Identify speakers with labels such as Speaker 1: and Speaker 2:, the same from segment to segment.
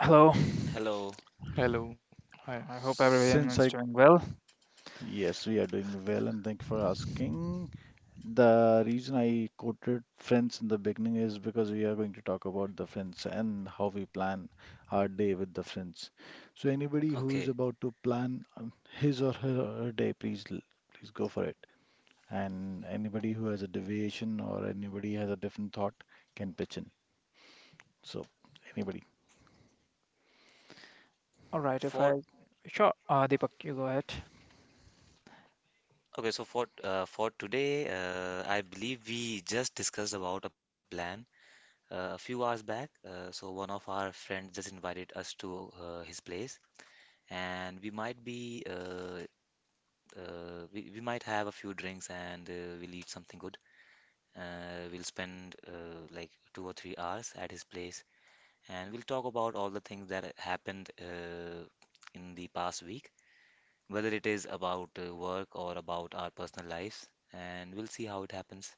Speaker 1: Hello,
Speaker 2: Hello.
Speaker 3: Hello. Hi.
Speaker 1: I hope everyone
Speaker 4: since
Speaker 1: is
Speaker 4: I
Speaker 1: doing well.
Speaker 4: yes, we are doing well, and thank you for asking. The reason I quoted friends in the beginning is because we are going to talk about the friends and how we plan our day with the friends. So anybody who is
Speaker 2: Okay.
Speaker 4: about to plan his or her day, please go for it. And anybody who has a deviation or anybody has a different thought can pitch in. So anybody.
Speaker 1: All right,
Speaker 2: For
Speaker 1: if I sure, Deepak, you go ahead.
Speaker 2: for today, I believe we just discussed about a plan a few hours back. So one of our friends just invited us to his place, and we might have a few drinks, and we'll eat something good. We'll spend like 2 or 3 hours at his place, and we'll talk about all the things that happened in the past week, whether it is about work or about our personal lives. And we'll see how it happens.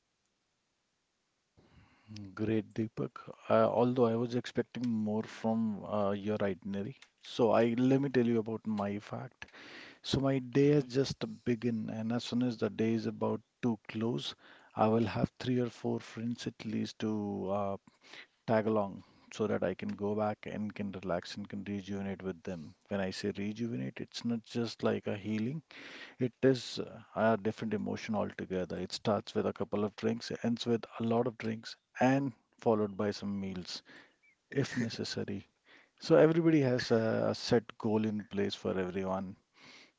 Speaker 4: Great, Deepak. Although I was expecting more from your itinerary. So I let me tell you about my fact. So my day has
Speaker 2: Mhm.
Speaker 4: just begun, and as soon as the day is about to close, I will have three or four friends at least to tag along so that I can go back and can relax and can rejuvenate with them. When I say rejuvenate, it's not just like a healing. It is a different emotion altogether. It starts with a couple of drinks, ends with a lot of drinks, and followed by some meals if necessary. So everybody has a set goal in place for everyone.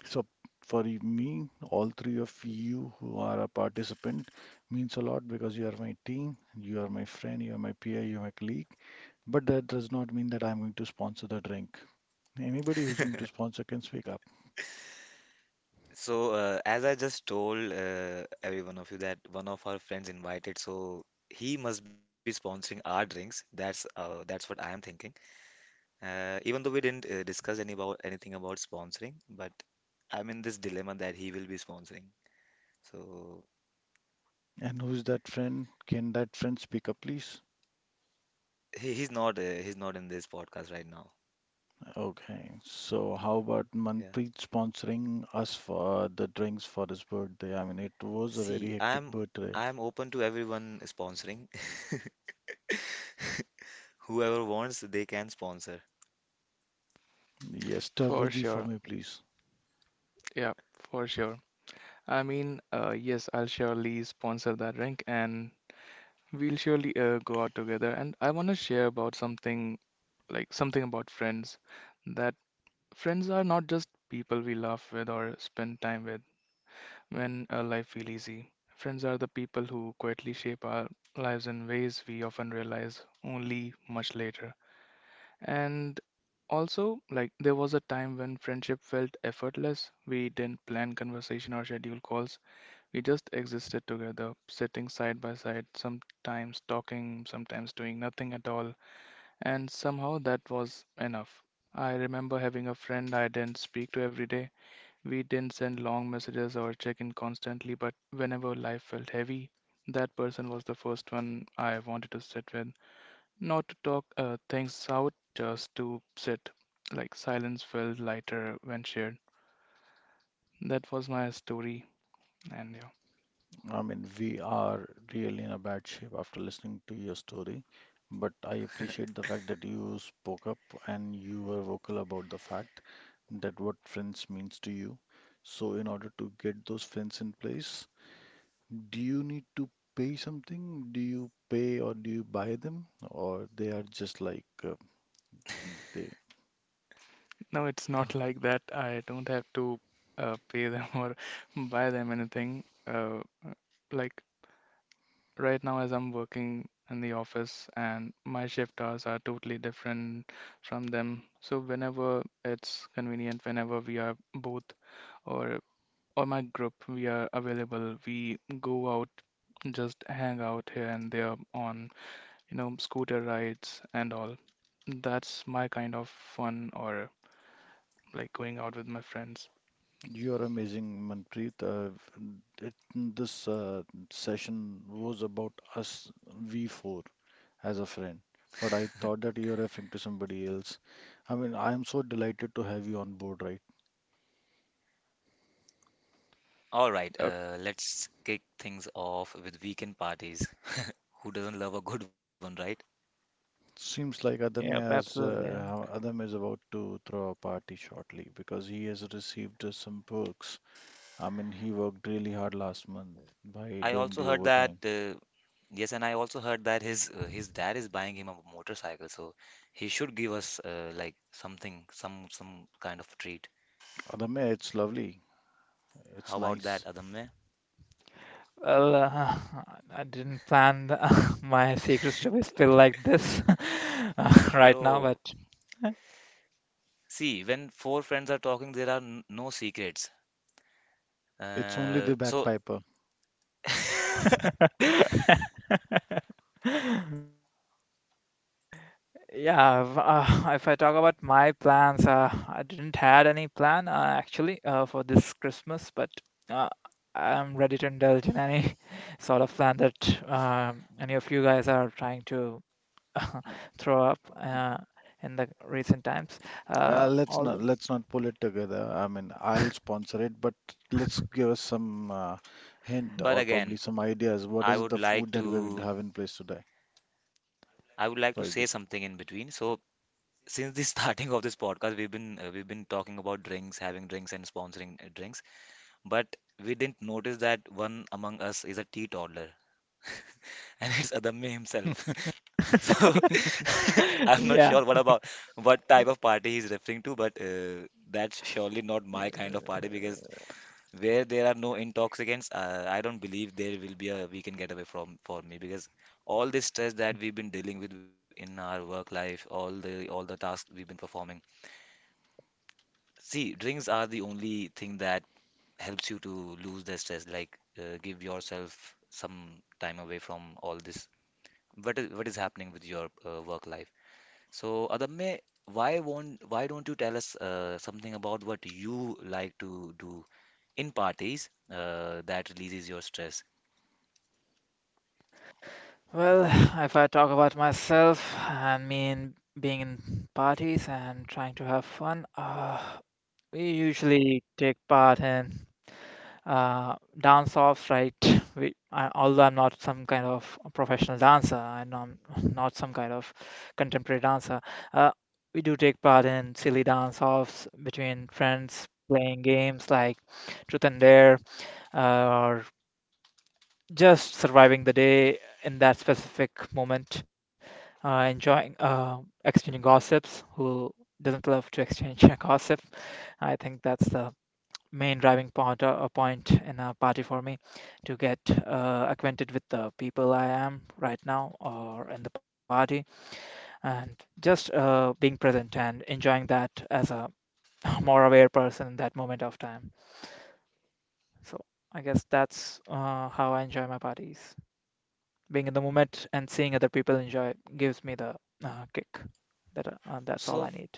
Speaker 4: So for me, all three of you who are a participant means a lot because you are my team, you are my friend, you are my peer, you are my colleague. But that does not mean that I'm going to sponsor the drink. Anybody who's going to sponsor can speak up.
Speaker 2: So, as I just told every one of you, that one of our friends invited, so he must be sponsoring our drinks. That's what I am thinking. Even though we didn't discuss anything about sponsoring, but I'm in this dilemma that he will be sponsoring. So
Speaker 4: And who's that friend? Can that friend speak up, please?
Speaker 2: he's not in this podcast right now.
Speaker 4: Okay, so how about
Speaker 2: Yeah.
Speaker 4: Manpreet sponsoring us for the drinks for his birthday? I mean, it was a
Speaker 2: See,
Speaker 4: very hectic
Speaker 2: I'm
Speaker 4: birthday.
Speaker 2: I'm open to everyone sponsoring. Whoever wants, they can sponsor.
Speaker 4: Yes, Turbo
Speaker 3: For
Speaker 4: for
Speaker 3: sure.
Speaker 4: me, please.
Speaker 3: Yeah, for sure. I mean, yes, I'll surely sponsor that drink, and we'll surely go out together. And I want to share about something about friends, that friends are not just people we laugh with or spend time with when life feel easy. Friends are the people who quietly shape our lives in ways we often realize only much later. And also, like, there was a time when friendship felt effortless. We didn't plan conversation or schedule calls. We just existed together, sitting side by side, sometimes talking, sometimes doing nothing at all. And somehow that was enough. I remember having a friend I didn't speak to every day. We didn't send long messages or check in constantly, but whenever life felt heavy, that person was the first one I wanted to sit with. Not to talk things out, just to sit. Like silence felt lighter when shared. That was my story, and yeah.
Speaker 4: I mean, we are really in a bad shape after listening to your story, but I appreciate the fact that you spoke up and you were vocal about the fact that what friends means to you. So, in order to get those friends in place, do you need to pay something? Do you pay, or do you buy them? Or they are just like they.
Speaker 3: No, it's not like that. I don't have to pay them or buy them anything. Like right now, as I'm working in the office, and my shift hours are totally different from them. So whenever it's convenient, whenever we are both or or my group, we are available. We go out, just hang out here and there on, you know, scooter rides and all. That's my kind of fun or like going out with my friends.
Speaker 4: You are amazing, Manpreet. This session was about us, we four, as a friend. But I thought that you are referring to somebody else. I mean, I am so delighted to have you on board, right?
Speaker 2: All right, let's kick things off with weekend parties. Who doesn't love a good one, right?
Speaker 4: Seems like Adam
Speaker 1: Yep,
Speaker 4: has
Speaker 1: absolutely.
Speaker 4: Adam is about to throw a party shortly because he has received some perks. I mean, he worked really hard last month by
Speaker 2: I
Speaker 4: doing
Speaker 2: also
Speaker 4: the
Speaker 2: heard that
Speaker 4: overtime.
Speaker 2: Yes, and I also heard that his dad is buying him a motorcycle, so he should give us like something, some kind of treat.
Speaker 4: Adame, it's lovely.
Speaker 2: How
Speaker 4: It's
Speaker 2: about that,
Speaker 4: nice.
Speaker 2: Adamya?
Speaker 1: Well, I didn't plan my secrets to be spilled like this right
Speaker 2: Bro,
Speaker 1: now,
Speaker 2: see, when four friends are talking, there are n no secrets.
Speaker 4: It's only
Speaker 2: Uh,
Speaker 4: the
Speaker 2: so,
Speaker 4: bagpiper.
Speaker 1: but Yeah, if, if I talk about my plans, I didn't had any plan actually for this Christmas, but uh, I'm ready to indulge in any sort of plan that any of you guys are trying to throw up in the recent times. Uh,
Speaker 4: Uh, let's
Speaker 1: all
Speaker 4: not let's not pull it together. I mean, I'll sponsor it, but let's give us some hint
Speaker 2: but
Speaker 4: or probably
Speaker 2: again,
Speaker 4: some ideas. What
Speaker 2: I
Speaker 4: is
Speaker 2: would
Speaker 4: the
Speaker 2: like
Speaker 4: food that we're going to
Speaker 2: to.
Speaker 4: have in place today?
Speaker 2: I would like to say
Speaker 4: Sorry,
Speaker 2: something
Speaker 4: Deep.
Speaker 2: in between. So, since the starting of this podcast, we've been talking about drinks, having drinks, and sponsoring drinks, but we didn't notice that one among us is a teetotaler, and it's Adamya himself. So, I'm
Speaker 3: Okay.
Speaker 2: not sure
Speaker 1: yeah.
Speaker 2: what type of party he's referring to, but that's surely not my kind of party, because where there are no intoxicants, I don't believe there will be a we can get away from for me, because all the stress that we've been dealing with in our work life, all the tasks we've been performing. See, drinks are the only thing that helps you to lose the stress, like, give yourself some time away from all this. What is happening with your work life? So, Adamye, why don't you tell us something about what you like to do in parties that releases your stress?
Speaker 1: Well, if I talk about myself and me in being in parties and trying to have fun, we usually take part in dance offs, right? Although I'm not some kind of a professional dancer and I'm not some kind of contemporary dancer, uh, we do take part in silly dance offs between friends playing games like Truth and Dare or just surviving the day in that specific moment, enjoying, exchanging gossips. Who doesn't love to exchange gossip? I think that's the main driving point in a party for me to get acquainted with the people I am right now or in the party and just being present and enjoying that as a more aware person in that moment of time. So I guess that's how I enjoy my parties. Being in the moment and seeing other people enjoy gives me the kick. That's all
Speaker 2: So,
Speaker 1: I need.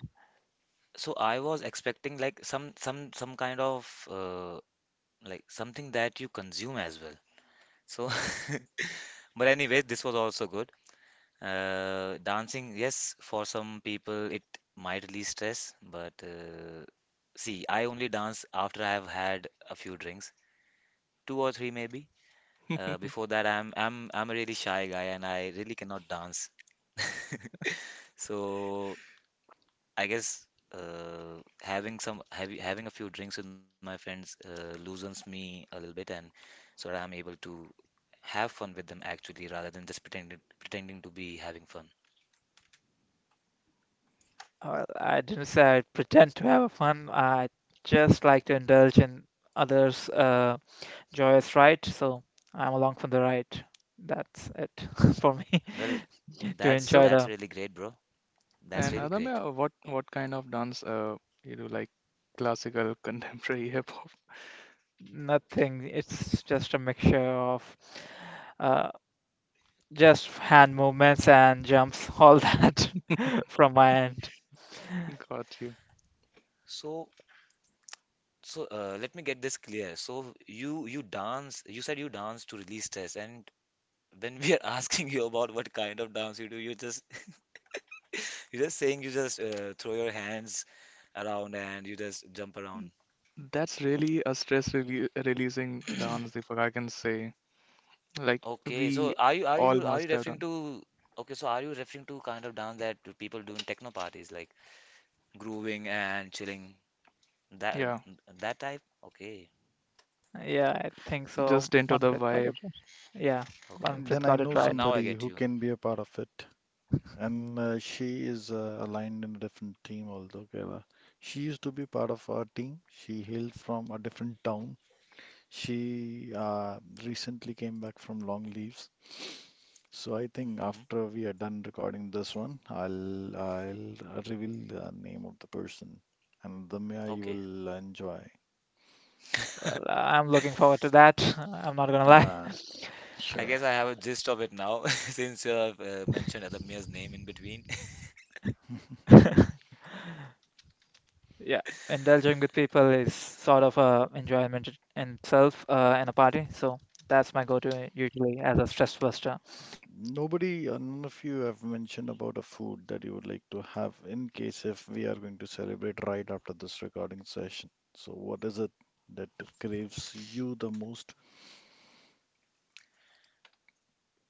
Speaker 2: so, I was expecting like some kind of, like, something that you consume as well. So, but anyway, this was also good. Dancing, yes, for some people it might release stress, but, see, I only dance after I have had a few drinks, two or three maybe. Before that, I'm a really shy guy and I really cannot dance. So I guess, having some having having a few drinks with my friends loosens me a little bit, and so that I'm able to have fun with them, actually, rather than just pretending to be having fun.
Speaker 1: I didn't say I pretend to have fun. I just like to indulge in others' joyous ride. So I'm along for the ride. That's it for me
Speaker 2: Well,
Speaker 1: to
Speaker 2: that's
Speaker 1: enjoy
Speaker 3: So,
Speaker 2: that's
Speaker 1: the
Speaker 2: really great, bro. That's
Speaker 3: and
Speaker 2: really great.
Speaker 3: Adamya, what kind of dance you do like, classical, contemporary, hip hop?
Speaker 1: nothing. It's just a mixture of uh, just hand movements and jumps, all that from my end.
Speaker 3: Got you.
Speaker 2: So Let me get this clear. So you dance. You said you dance to release stress, and when we are asking you about what kind of dance you do, you just you're just saying you just throw your hands around and you just jump around.
Speaker 3: That's really a stress releasing dance, Deepak, I can say. Like
Speaker 2: Okay, so
Speaker 3: we
Speaker 2: are you are
Speaker 3: all
Speaker 2: you are you
Speaker 3: must have
Speaker 2: referring
Speaker 3: done.
Speaker 2: to are you referring to kind of dance that people do in techno parties, like grooving and chilling, that
Speaker 3: Yeah,
Speaker 2: that type? Okay.
Speaker 1: Yeah, I think so.
Speaker 3: just into
Speaker 1: One
Speaker 3: the
Speaker 1: breath got
Speaker 3: vibe.
Speaker 1: it, right. Yeah,
Speaker 2: Okay,
Speaker 1: one
Speaker 2: okay,
Speaker 1: breath
Speaker 4: Then I
Speaker 1: got
Speaker 2: okay.
Speaker 1: it
Speaker 4: know
Speaker 2: Now
Speaker 1: right.
Speaker 2: now I
Speaker 4: somebody
Speaker 2: get
Speaker 4: who
Speaker 2: you.
Speaker 4: can be a part of it, and she is aligned in a different team. Although she used to be part of our team. She hailed from a different town. She recently came back from long leaves, so I think
Speaker 2: Hmm.
Speaker 4: after we are done recording this one, I'll reveal the name of the person, and Damya, you
Speaker 2: Okay.
Speaker 4: will enjoy.
Speaker 1: Well, I'm looking forward to that. I'm not gonna
Speaker 4: Uh,
Speaker 2: I
Speaker 4: sure.
Speaker 2: guess I have a gist of it now, since you have mentioned Adamya's name in between.
Speaker 1: lie. Yeah, indulging with people is sort of a enjoyment in itself and a party. So that's my go-to usually as a stress buster.
Speaker 4: Nobody, none of you have mentioned about a food that you would like to have in case if we are going to celebrate right after this recording session. So, what is it that craves you the most?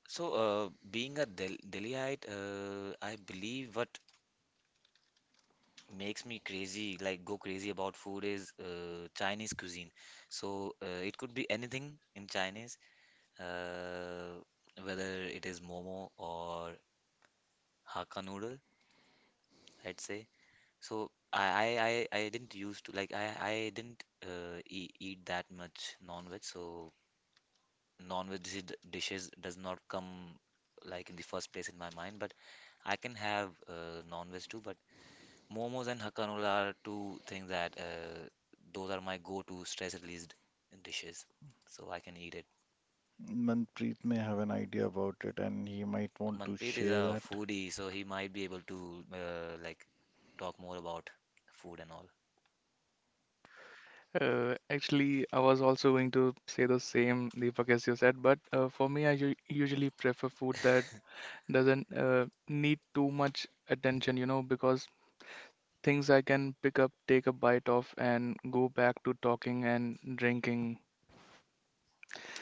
Speaker 2: So, being a Delhiite, I believe what makes me crazy, like go crazy about food, is Chinese cuisine. So it could be anything in Chinese, uh, whether it is momo or Hakka noodle, I'd say. So I didn't used to like I didn't e eat that much non-veg. So non-veg dishes does not come like in the first place in my mind, but I can have non-veg too. But momos and hakka noodle are two things that, those are my go-to stress released dishes, so I can eat it.
Speaker 4: Manpreet may have an idea about it, and he might want to
Speaker 2: Manpreet is
Speaker 4: share
Speaker 2: a
Speaker 4: that.
Speaker 2: foodie, so he might be able to, like, talk more about food and all.
Speaker 3: Actually, I was also going to say the same, Deepak, as you said, but for me, I usually prefer food that doesn't need too much attention, you know, because things I can pick up, take a bite of, and go back to talking and drinking.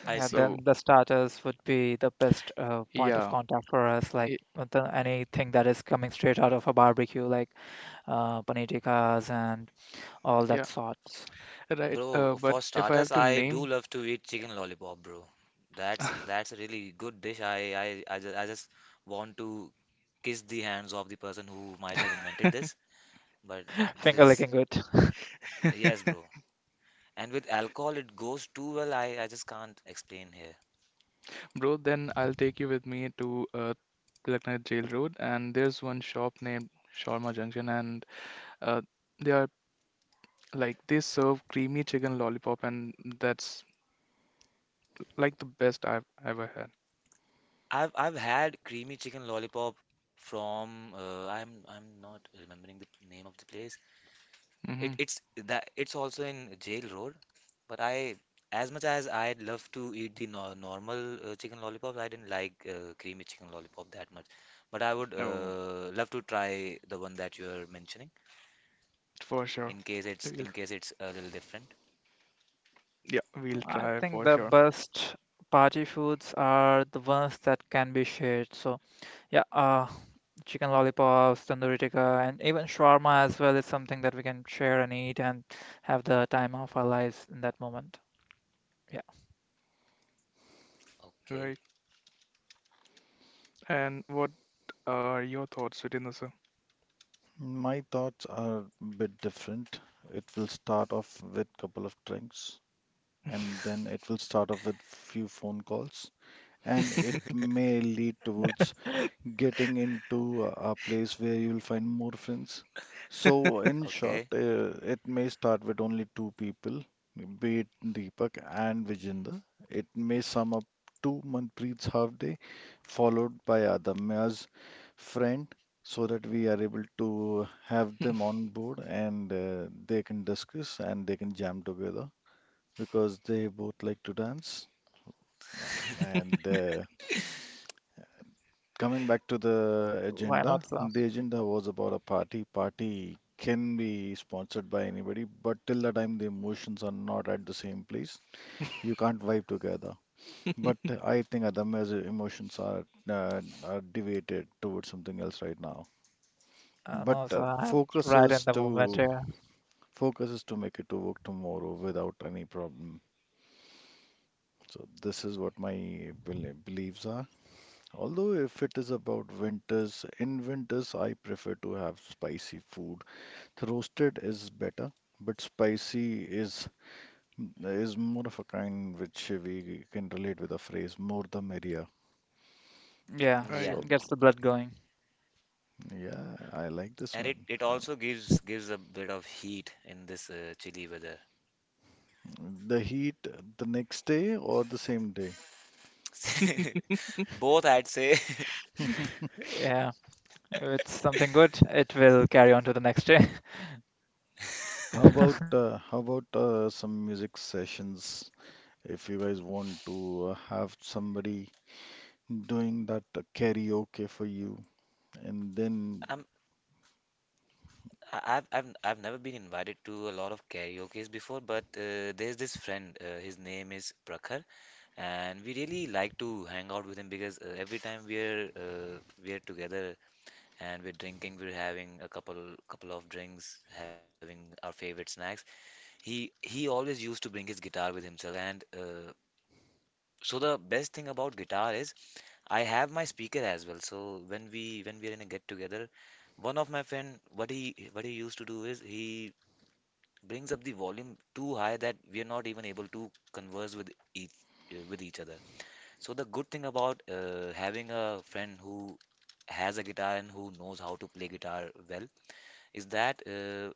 Speaker 2: I
Speaker 1: Yeah,
Speaker 2: see.
Speaker 3: So,
Speaker 1: then the starters would be the best point of
Speaker 3: yeah,
Speaker 1: contact for us, like
Speaker 3: it,
Speaker 1: with anything that is coming straight out of a barbecue, like paneer tikkas and all that
Speaker 3: yeah,
Speaker 1: sorts.
Speaker 3: right.
Speaker 2: Bro,
Speaker 3: But
Speaker 2: for
Speaker 3: if I
Speaker 2: starters,
Speaker 3: have to
Speaker 2: I do
Speaker 3: name,
Speaker 2: love to eat chicken lollipop, bro. That's a really good dish. I just want to kiss the hands of the person who might have invented this. But this
Speaker 1: Finger
Speaker 2: is,
Speaker 1: licking good.
Speaker 2: yes, bro. And with alcohol, it goes too well. I just can't explain here.
Speaker 3: bro, then I'll take you with me to Lucknow Jail Road, and there's one shop named Shawarma Junction, and Uh, they are like they serve creamy chicken lollipop, and that's like the best I've ever had.
Speaker 2: I've had creamy chicken lollipop from, I'm not remembering the name of the place. It
Speaker 3: Hmm.
Speaker 2: it's that it's also in Jail Road, but I, as much as I'd love to eat the no normal chicken lollipop, I didn't like creamy chicken lollipop that much. But I would,
Speaker 3: Oh,
Speaker 2: love to try the one that you're mentioning,
Speaker 3: for sure. We'll,
Speaker 2: in case it's a little different.
Speaker 3: yeah, we'll
Speaker 1: I
Speaker 3: try
Speaker 1: think
Speaker 3: for
Speaker 1: the
Speaker 3: sure.
Speaker 1: best party foods are the ones that can be shared. So yeah, chicken lollipops, tandoori tikka, and even shawarma as well is something that we can share and eat and have the time of our lives in that moment. Yeah,
Speaker 3: Right.
Speaker 2: Okay.
Speaker 3: And what are your thoughts, Sujinda?
Speaker 4: My thoughts are a bit different. It will start off with couple of drinks, and then it will start off with few phone calls, and it may lead towards getting into a place where you'll find more friends. So, in short,
Speaker 2: Okay.
Speaker 4: it may start with only two people, be it Deepak and Vijender. It may sum up to Manpreet's half day, followed by Adamya's friend, so that we are able to have them on board, and they can discuss and they can jam together because they both like to dance. And coming back to
Speaker 1: why not, sir?
Speaker 4: the agenda was about a party. Party can be sponsored by anybody, but till the time the emotions are not at the same place, you can't vibe together. But I think Adamya's emotions are deviated towards something else right now. But
Speaker 1: No, sir,
Speaker 4: uh,
Speaker 1: I'm
Speaker 4: focus
Speaker 1: right in
Speaker 4: is
Speaker 1: the moment
Speaker 4: to
Speaker 1: here.
Speaker 4: focus is to make it to work tomorrow without any problem. So this is what my beliefs are. Although if it is about winters, in winters I prefer to have spicy food. The roasted is better, but spicy is more of a kind which we can relate with a phrase more the merrier.
Speaker 1: Yeah,
Speaker 3: Right.
Speaker 2: Yeah,
Speaker 4: So
Speaker 1: gets the blood going.
Speaker 4: yeah, I like this
Speaker 2: and it
Speaker 4: one.
Speaker 2: it also gives a bit of heat in this chilly weather.
Speaker 4: The heat the next day or the same day?
Speaker 2: Both, I'd say.
Speaker 1: Yeah, if it's something good, it will carry on to the next day.
Speaker 4: How about some music sessions? If you guys want to have somebody doing that karaoke for you, and then
Speaker 2: I'm I- I've never been invited to a lot of karaoke's before, but there's this friend. His name is Prakhar, and we really like to hang out with him, because every time we're together and we're drinking, we're having a couple of drinks, having our favorite snacks. He always used to bring his guitar with himself. And, so, the best thing about guitar is I have my speaker as well. So when we are in a get together, one of my friend, what he used to do is he brings up the volume too high that we are not even able to converse with each other. So the good thing about, having a friend who has a guitar and who knows how to play guitar well, is that,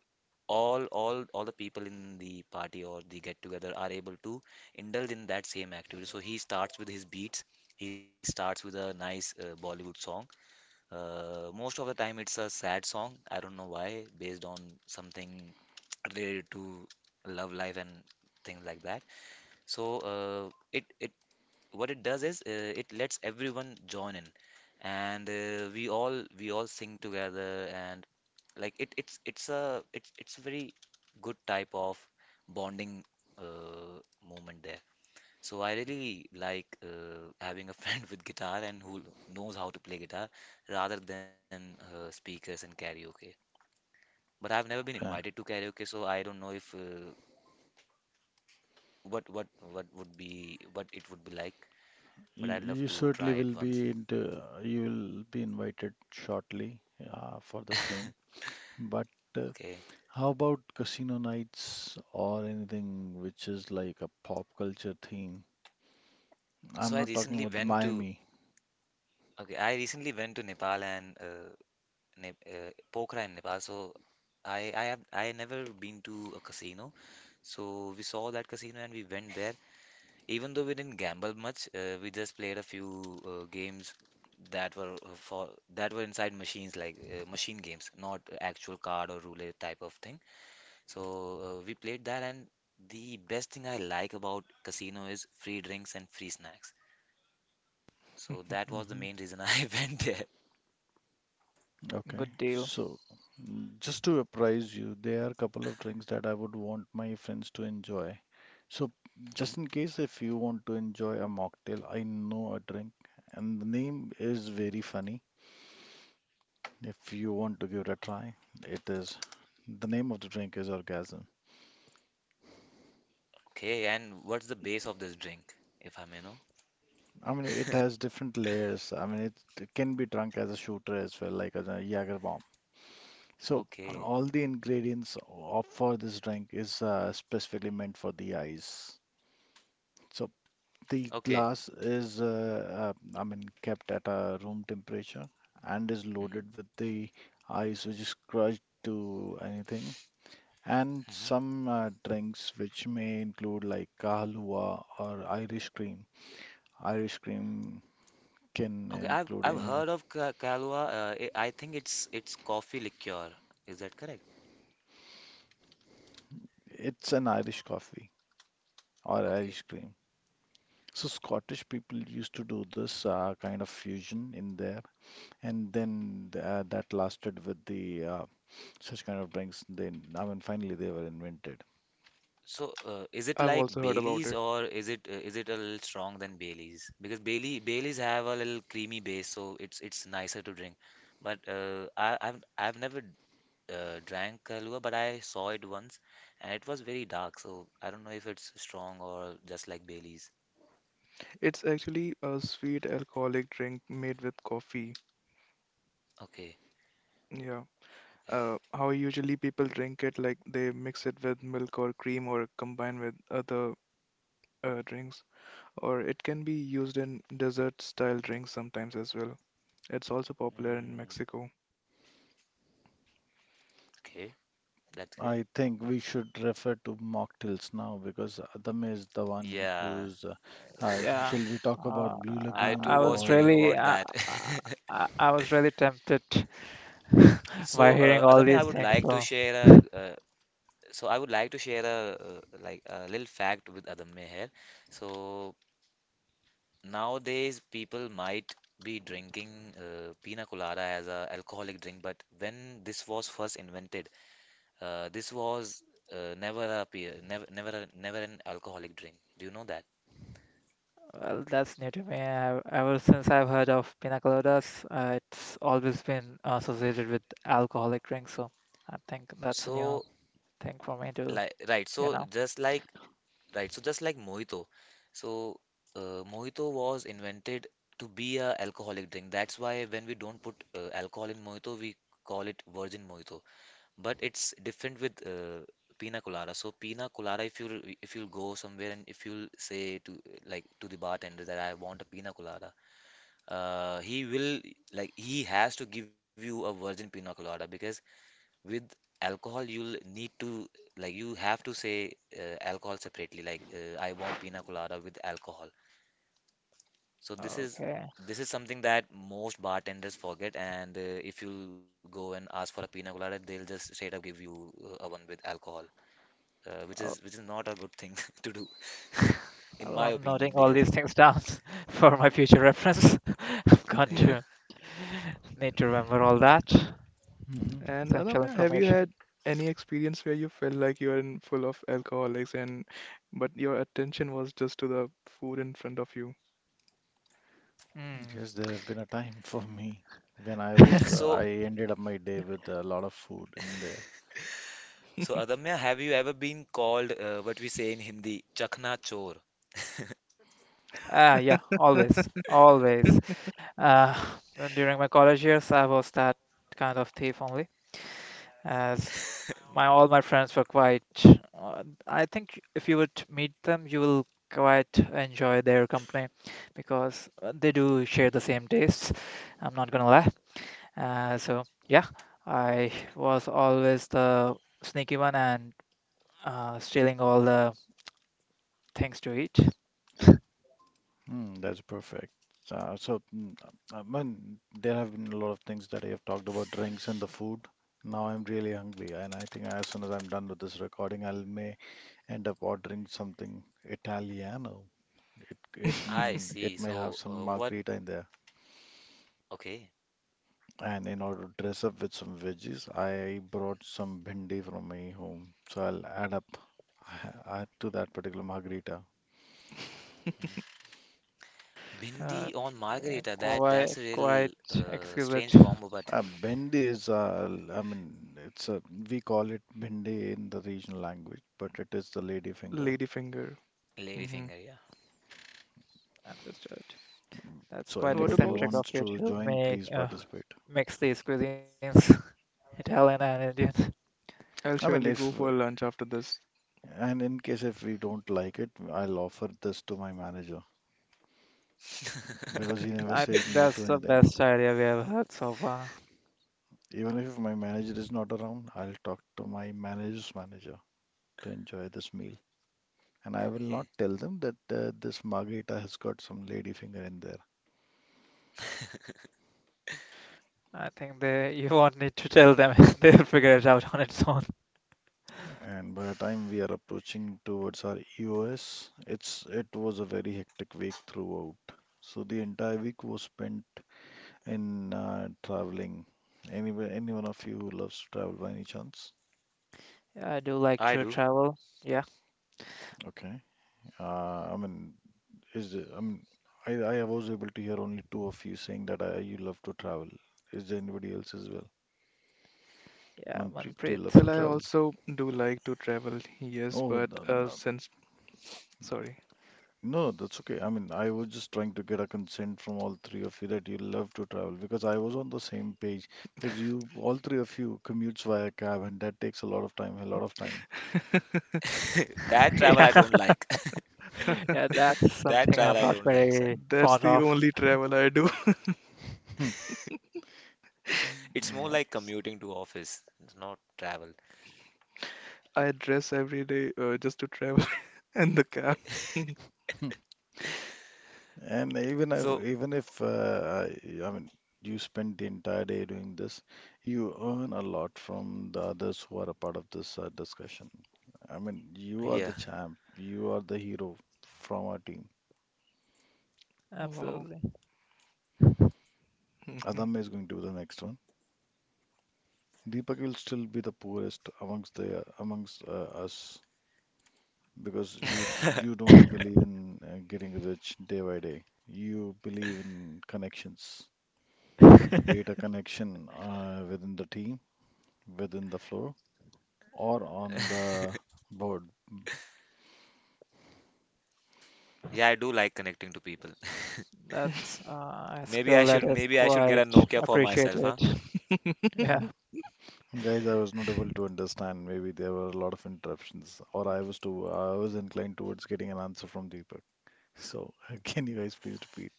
Speaker 2: all the people in the party or the get together are able to indulge in that same activity. So he starts with his beats. He starts with a nice, Bollywood song. Most of the time it's a sad song. I don't know why. Based on something related to love life and things like that. So, it it what it does is, it lets everyone join in. And, we all sing together. And, like, it it's a very good type of bonding, uh, moment there. So I really like, having a friend with guitar and who knows how to play guitar, rather than speakers and karaoke. But I've never been
Speaker 4: okay.
Speaker 2: invited to karaoke, so I don't know if, what it would be like. But
Speaker 4: You
Speaker 2: I'd love
Speaker 4: you
Speaker 2: to try
Speaker 4: certainly
Speaker 2: it
Speaker 4: will
Speaker 2: once.
Speaker 4: be into, you will be invited shortly for the same. But uh,
Speaker 2: Okay.
Speaker 4: how about casino nights or anything which is like a pop culture theme?
Speaker 2: So
Speaker 4: I'm
Speaker 2: I
Speaker 4: not talking
Speaker 2: recently
Speaker 4: about the
Speaker 2: went to
Speaker 4: Miami.
Speaker 2: Okay, I recently went to Nepal, and, Neb Pokhara in Nepal. So I never been to a casino. So we saw that casino and we went there. Even though we didn't gamble much, we just played a few games that were, for that were inside machines, like, machine games, not actual card or roulette type of thing. So, we played that, and the best thing I like about casino is free drinks and free snacks. So that was the
Speaker 4: Hmm.
Speaker 2: main reason I went there.
Speaker 4: Okay.
Speaker 1: Good deal.
Speaker 4: So mm, just to apprise you, there are a couple of drinks that I would want my friends to enjoy. So
Speaker 2: Mhm.
Speaker 4: just in case if you want to enjoy a mocktail, I know a drink and the name is very funny. If you want to give it a try, it is the name of the drink is orgasm.
Speaker 2: Okay, and what's the base of this drink, if I may know?
Speaker 4: I mean, it has different layers. It can be drunk as a shooter as well, like as a Jager bomb. So
Speaker 2: Okay.
Speaker 3: Oh,
Speaker 4: all the ingredients of for this drink is specifically meant for the eyes. So the
Speaker 2: Okay.
Speaker 4: glass is, I mean, kept at a room temperature and is
Speaker 2: Hmm.
Speaker 4: loaded with the ice, which is crushed to anything, and
Speaker 2: Hmm.
Speaker 4: some drinks which may include like kahlua or Irish cream. Irish cream can
Speaker 2: Okay, I've
Speaker 4: include
Speaker 2: I've
Speaker 4: any,
Speaker 2: heard of Ka Kahlua. I think it's coffee liqueur. Is that correct?
Speaker 4: it's an Irish coffee or
Speaker 2: Okay.
Speaker 4: Irish cream. So Scottish people used to do this kind of fusion in there, and then that lasted with the such kind of drinks. Then, I mean, finally they were invented.
Speaker 2: So, is it
Speaker 3: I've
Speaker 2: like
Speaker 3: also heard about
Speaker 2: Baileys,
Speaker 3: it.
Speaker 2: or is it a little strong than Baileys? Because Baileys have a little creamy base, so it's nicer to drink. But, I've never drank Kahlua, but I saw it once, and it was very dark. So I don't know if it's strong or just like Baileys.
Speaker 3: It's actually a sweet alcoholic drink made with coffee.
Speaker 2: Okay.
Speaker 3: Yeah.
Speaker 2: Okay.
Speaker 3: How usually people drink it, like they mix it with milk or cream or combine with other drinks, or it can be used in dessert style drinks sometimes as well. It's also popular in
Speaker 2: Mm,
Speaker 3: Mexico.
Speaker 2: okay. That's great.
Speaker 4: I think we should refer to mocktails now because Adam is the one
Speaker 2: Yeah,
Speaker 4: who's.
Speaker 1: Yeah,
Speaker 4: Shall we talk about
Speaker 1: uh,
Speaker 4: Blue
Speaker 2: I
Speaker 4: Lagoon
Speaker 2: too
Speaker 1: I
Speaker 2: was
Speaker 1: was
Speaker 2: thinking
Speaker 4: or.
Speaker 1: really,
Speaker 2: about
Speaker 1: uh,
Speaker 2: that.
Speaker 1: I was really tempted
Speaker 2: So,
Speaker 1: by hearing
Speaker 2: Adamya,
Speaker 1: all
Speaker 2: I would
Speaker 1: these
Speaker 2: like
Speaker 1: things.
Speaker 2: to
Speaker 1: So.
Speaker 2: share a So I would like to share a, a little fact with Adamya here. So, nowadays, people might be drinking, pina colada as a alcoholic drink, but when this was first invented, this was, never a pe- never never a- never an alcoholic drink. Do you know that?
Speaker 1: Well, that's new to me. I, ever since I've heard of pina coladas, it's always been associated with alcoholic drinks. So I think that's a
Speaker 2: So
Speaker 1: new thing for me to,
Speaker 2: like right,
Speaker 1: you
Speaker 2: so
Speaker 1: know.
Speaker 2: just like Right, so just like mojito. So, Mojito was invented to be a alcoholic drink. That's why when we don't put alcohol in mojito, we call it virgin mojito. But it's different with pina colada. So pina colada, if you'll go somewhere and if you'll say to to the bartender that I want a pina colada, he will he has to give you a virgin pina colada because with alcohol you'll need to you have to say alcohol separately like I want pina colada with alcohol so
Speaker 1: Okay.
Speaker 2: this is something that most bartenders forget and if you go and ask for a pina colada they'll just straight up give you a one with alcohol uh, which
Speaker 1: Oh,
Speaker 2: is which is not a good thing to do in
Speaker 1: well,
Speaker 2: my
Speaker 1: I'm
Speaker 2: opinion
Speaker 1: noting all
Speaker 2: because
Speaker 1: these things down for my future reference. I'm going
Speaker 2: yeah
Speaker 1: to need to remember all that
Speaker 4: Mhm.
Speaker 3: And
Speaker 1: essential
Speaker 3: Adamya, have you
Speaker 1: information.
Speaker 3: had any experience where you felt like you are in full of alcoholics and but your attention was just to the food in front of you?
Speaker 1: Hmm.
Speaker 4: Yes, there have been a time for me when I was.
Speaker 2: so
Speaker 4: I ended up my day with a lot of food in there.
Speaker 2: so Adamya, have you ever been called what we say in Hindi chakna chor?
Speaker 1: Ah, yeah, always, always. Uh, During my college years, I was that kind of thief only, as my all my friends were quite. Uh, I think if you would meet them, you will quite enjoy their company because they do share the same tastes. I'm not gonna lie. So yeah, I was always the sneaky one and stealing all the things to eat.
Speaker 4: Mm, that's perfect. Uh, so, mm, I mean, there have been a lot of things that I have talked about drinks and the food. Now I'm really hungry, and I think as soon as I'm done with this recording, I will may end up ordering something Italiano. It it
Speaker 2: I
Speaker 4: mm,
Speaker 2: see.
Speaker 4: it may have
Speaker 2: So,
Speaker 4: some
Speaker 2: what
Speaker 4: margarita in there.
Speaker 2: Okay.
Speaker 4: And in order to dress up with some veggies, I brought some bhindi from my home. So I'll add up add to that particular margarita.
Speaker 2: Mm.
Speaker 1: Uh,
Speaker 2: Bindi on margarita, that
Speaker 1: quite
Speaker 2: that's a real
Speaker 1: quite exquisite.
Speaker 2: strange combo, but
Speaker 4: Bhindi is, I mean, it's a, we call it bhindi in the regional language, but it is the lady finger.
Speaker 3: Ladyfinger. Hmm.
Speaker 2: ladyfinger, yeah.
Speaker 1: Understood. That's
Speaker 4: So
Speaker 1: quite
Speaker 3: What
Speaker 4: anybody who
Speaker 3: about?
Speaker 1: eccentric
Speaker 4: wants
Speaker 1: of you
Speaker 4: to
Speaker 1: to
Speaker 4: join, please
Speaker 1: make
Speaker 4: participate.
Speaker 1: mix these cuisines, Italian and Indian.
Speaker 3: I'll
Speaker 4: I mean,
Speaker 3: surely
Speaker 4: if,
Speaker 3: go for lunch after this.
Speaker 4: And in case if we don't like it, I'll offer this to my manager because he never
Speaker 1: I
Speaker 4: says no to
Speaker 1: that's the
Speaker 4: anything.
Speaker 1: best idea we have had so far.
Speaker 4: Even if my manager is not around, I'll talk to my manager's manager to enjoy this meal. And I will
Speaker 2: Yeah,
Speaker 4: not tell them that this margarita has got some lady finger in there.
Speaker 1: I think they you won't need to tell them; they'll figure it out on its own.
Speaker 4: And by the time we are approaching towards our EOS, it was a very hectic week throughout. So the entire week was spent in traveling. Any one of you who loves to travel by any chance?
Speaker 1: Yeah, I do
Speaker 2: I
Speaker 1: like
Speaker 2: do.
Speaker 1: to travel. Yeah,
Speaker 4: Okay. Uh, I mean, Is there, I was able to hear only two of you saying that I, you love to travel. Is there anybody else as well?
Speaker 1: yeah,
Speaker 4: Manpreet, do you
Speaker 1: Manpreet.
Speaker 4: love to
Speaker 3: Well, I
Speaker 1: You-
Speaker 4: travel?
Speaker 3: also do like to travel, yes,
Speaker 4: Oh,
Speaker 3: but sorry,
Speaker 4: no, that's okay. I mean, I was just trying to get a consent from all three of you that you love to travel because I was on the same page because you, all three of you, commutes via cab and that takes a lot of time, a lot of time.
Speaker 2: That travel
Speaker 1: Yeah,
Speaker 2: I don't like.
Speaker 1: yeah, that's
Speaker 2: That
Speaker 1: something
Speaker 2: travel
Speaker 1: I'm
Speaker 2: I
Speaker 1: not
Speaker 2: don't like, sir.
Speaker 1: very
Speaker 3: that's the
Speaker 1: fond of.
Speaker 3: only travel I do.
Speaker 2: It's more like
Speaker 4: Nice.
Speaker 2: commuting to office. It's not travel.
Speaker 3: I dress every day just to travel and the cab.
Speaker 4: And
Speaker 2: So,
Speaker 4: even if I mean you spend the entire day doing this, you earn a lot from the others who are a part of this discussion. I mean, you are
Speaker 2: yeah.
Speaker 4: the champ, you are the hero from our team.
Speaker 3: Wow.
Speaker 1: Absolutely.
Speaker 3: Mhm.
Speaker 4: Adam is going to be the next one. Deepak will still be the poorest amongst the amongst us because
Speaker 3: Mhm.
Speaker 4: you don't believe in getting rich day by day. You believe in connections, be it a connection within the team, within the floor or on the board.
Speaker 2: Yeah, I do like connecting to people.
Speaker 1: That's a
Speaker 2: Maybe
Speaker 1: skill
Speaker 2: I
Speaker 1: that
Speaker 2: should
Speaker 1: is
Speaker 2: maybe I should get a
Speaker 1: quite
Speaker 2: Nokia for myself,
Speaker 1: appreciated.
Speaker 2: huh?
Speaker 1: Yeah.
Speaker 4: Guys, I was not able to understand. Maybe there were a lot of interruptions, or I was too, I was inclined towards getting an answer from Deepak. So, can you guys please repeat?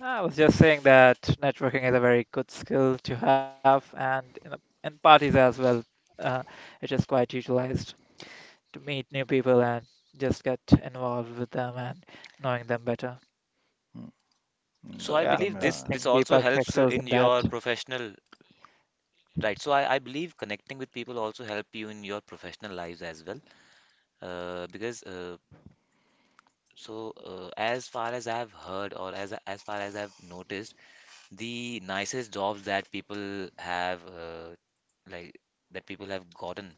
Speaker 1: I was just saying that networking is a very good skill to have, and in parties as well, uh, it is quite utilized to meet new people and just get involved with them and knowing them better.
Speaker 4: Hmm.
Speaker 2: So
Speaker 4: Mm,
Speaker 1: So
Speaker 2: I
Speaker 1: yeah,
Speaker 4: Adam,
Speaker 2: believe
Speaker 1: I
Speaker 2: this
Speaker 4: uh,
Speaker 1: think
Speaker 2: this also
Speaker 1: Deepak
Speaker 2: helps
Speaker 1: excels
Speaker 2: in
Speaker 1: in that.
Speaker 2: your professional Right. So I believe connecting with people also help you in your professional lives as well. Because so As far as I've heard or as far as I've noticed, the nicest jobs that people have like that people have gotten,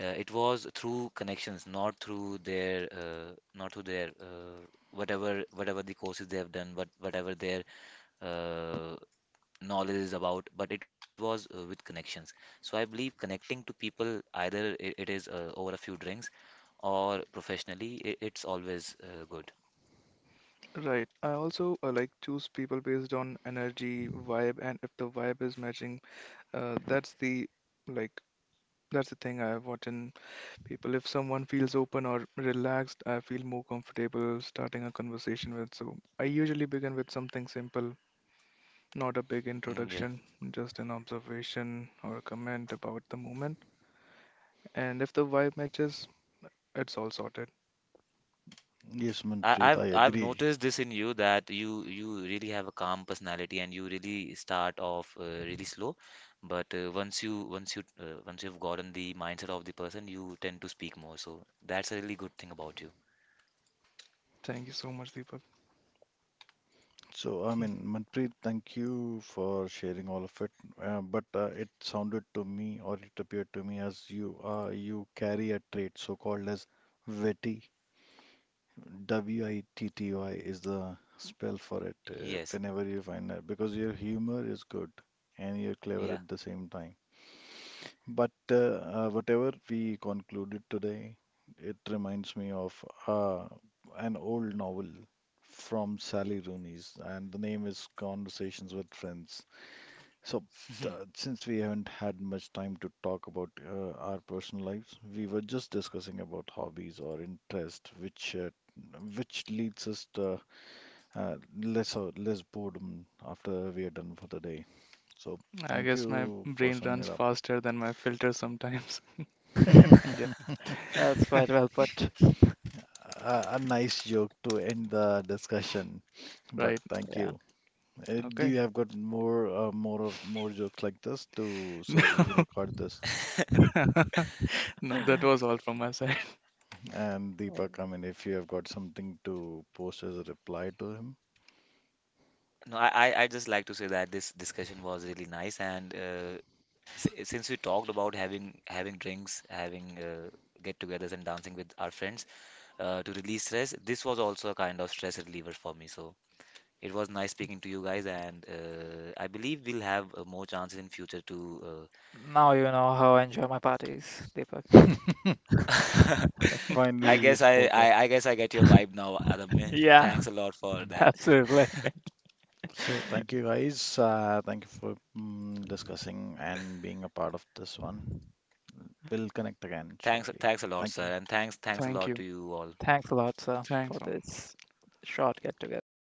Speaker 2: it was through connections, not through their whatever the courses they have done, but whatever their uh, knowledge is about, but it was with connections. So I believe connecting to people, either it is over a few drinks or professionally, I it's always good.
Speaker 3: Right. I also like choose people based on energy, vibe, and if the vibe is matching, uh, that's the like that's the thing I watch in people. If someone feels open or relaxed, I feel more comfortable starting a conversation with. So I usually begin with something simple, not a big
Speaker 2: Mm, yeah.
Speaker 3: introduction, just an observation or a comment about the moment. And if the vibe matches, it's all sorted.
Speaker 4: yes,
Speaker 2: I,
Speaker 4: Manpreet,
Speaker 2: I've
Speaker 4: I
Speaker 2: I've
Speaker 4: agree.
Speaker 2: noticed this in you that you really have a calm personality and you really start off really slow, but once you've gotten the mindset of the person, you tend to speak more. So that's a really good thing about you.
Speaker 3: Thank you so much, Deepak.
Speaker 4: So, I
Speaker 3: Mm,
Speaker 4: mean, Manpreet, thank you for sharing all of it. But It sounded to me, or it appeared to me, as you you carry a trait so called as witty. witty is the spell for it
Speaker 2: Yes.
Speaker 4: whenever you find that, because your humor is good and you're clever
Speaker 2: Yeah.
Speaker 4: at the same time. But Whatever we concluded today, it reminds me of an old novel from Sally Rooney's, and the name is Conversations with Friends. So, since we haven't had much time to talk about our personal lives, we were just discussing about hobbies or interest, which leads us to uh, less or less boredom after we are done for the day. So,
Speaker 3: I
Speaker 4: thank
Speaker 3: guess my
Speaker 4: you for
Speaker 3: brain
Speaker 4: summing
Speaker 3: runs
Speaker 4: it up.
Speaker 3: faster than my filter sometimes. And yeah,
Speaker 1: That's quite well put.
Speaker 4: A, a nice joke to end the discussion, but
Speaker 3: right.
Speaker 4: thank
Speaker 1: Yeah.
Speaker 4: you. Do
Speaker 3: Okay.
Speaker 4: you have got more more of more jokes like this to
Speaker 3: No,
Speaker 4: so that we can record this?
Speaker 3: no, that was all from my side.
Speaker 4: And Deepak, I mean, if you have got something to post as a reply to him,
Speaker 2: No, I just like to say that this discussion was really nice, and since we talked about having drinks, having get-togethers, and dancing with our friends to release stress, this was also a kind of stress reliever for me. So it was nice speaking to you guys, and I believe we'll have more chances in future to.
Speaker 1: Now you know how I enjoy my parties, Deepak.
Speaker 2: Uh...
Speaker 4: finally
Speaker 2: I
Speaker 4: he
Speaker 2: guess I,
Speaker 4: spoke up.
Speaker 2: I I guess I get your vibe now, Adamya.
Speaker 1: Yeah,
Speaker 2: Thanks a lot for
Speaker 4: Mm.
Speaker 2: that.
Speaker 1: absolutely.
Speaker 4: So thank you guys. Thank you for mm, discussing and being a part of this one. We'll connect again
Speaker 2: Thanks
Speaker 4: shortly.
Speaker 2: thanks a lot,
Speaker 4: Thank you.
Speaker 2: sir, and thanks a
Speaker 3: Thank
Speaker 2: lot
Speaker 3: you.
Speaker 2: to you all.
Speaker 1: Thanks a lot, sir, for
Speaker 3: Thanks.
Speaker 1: this short get together and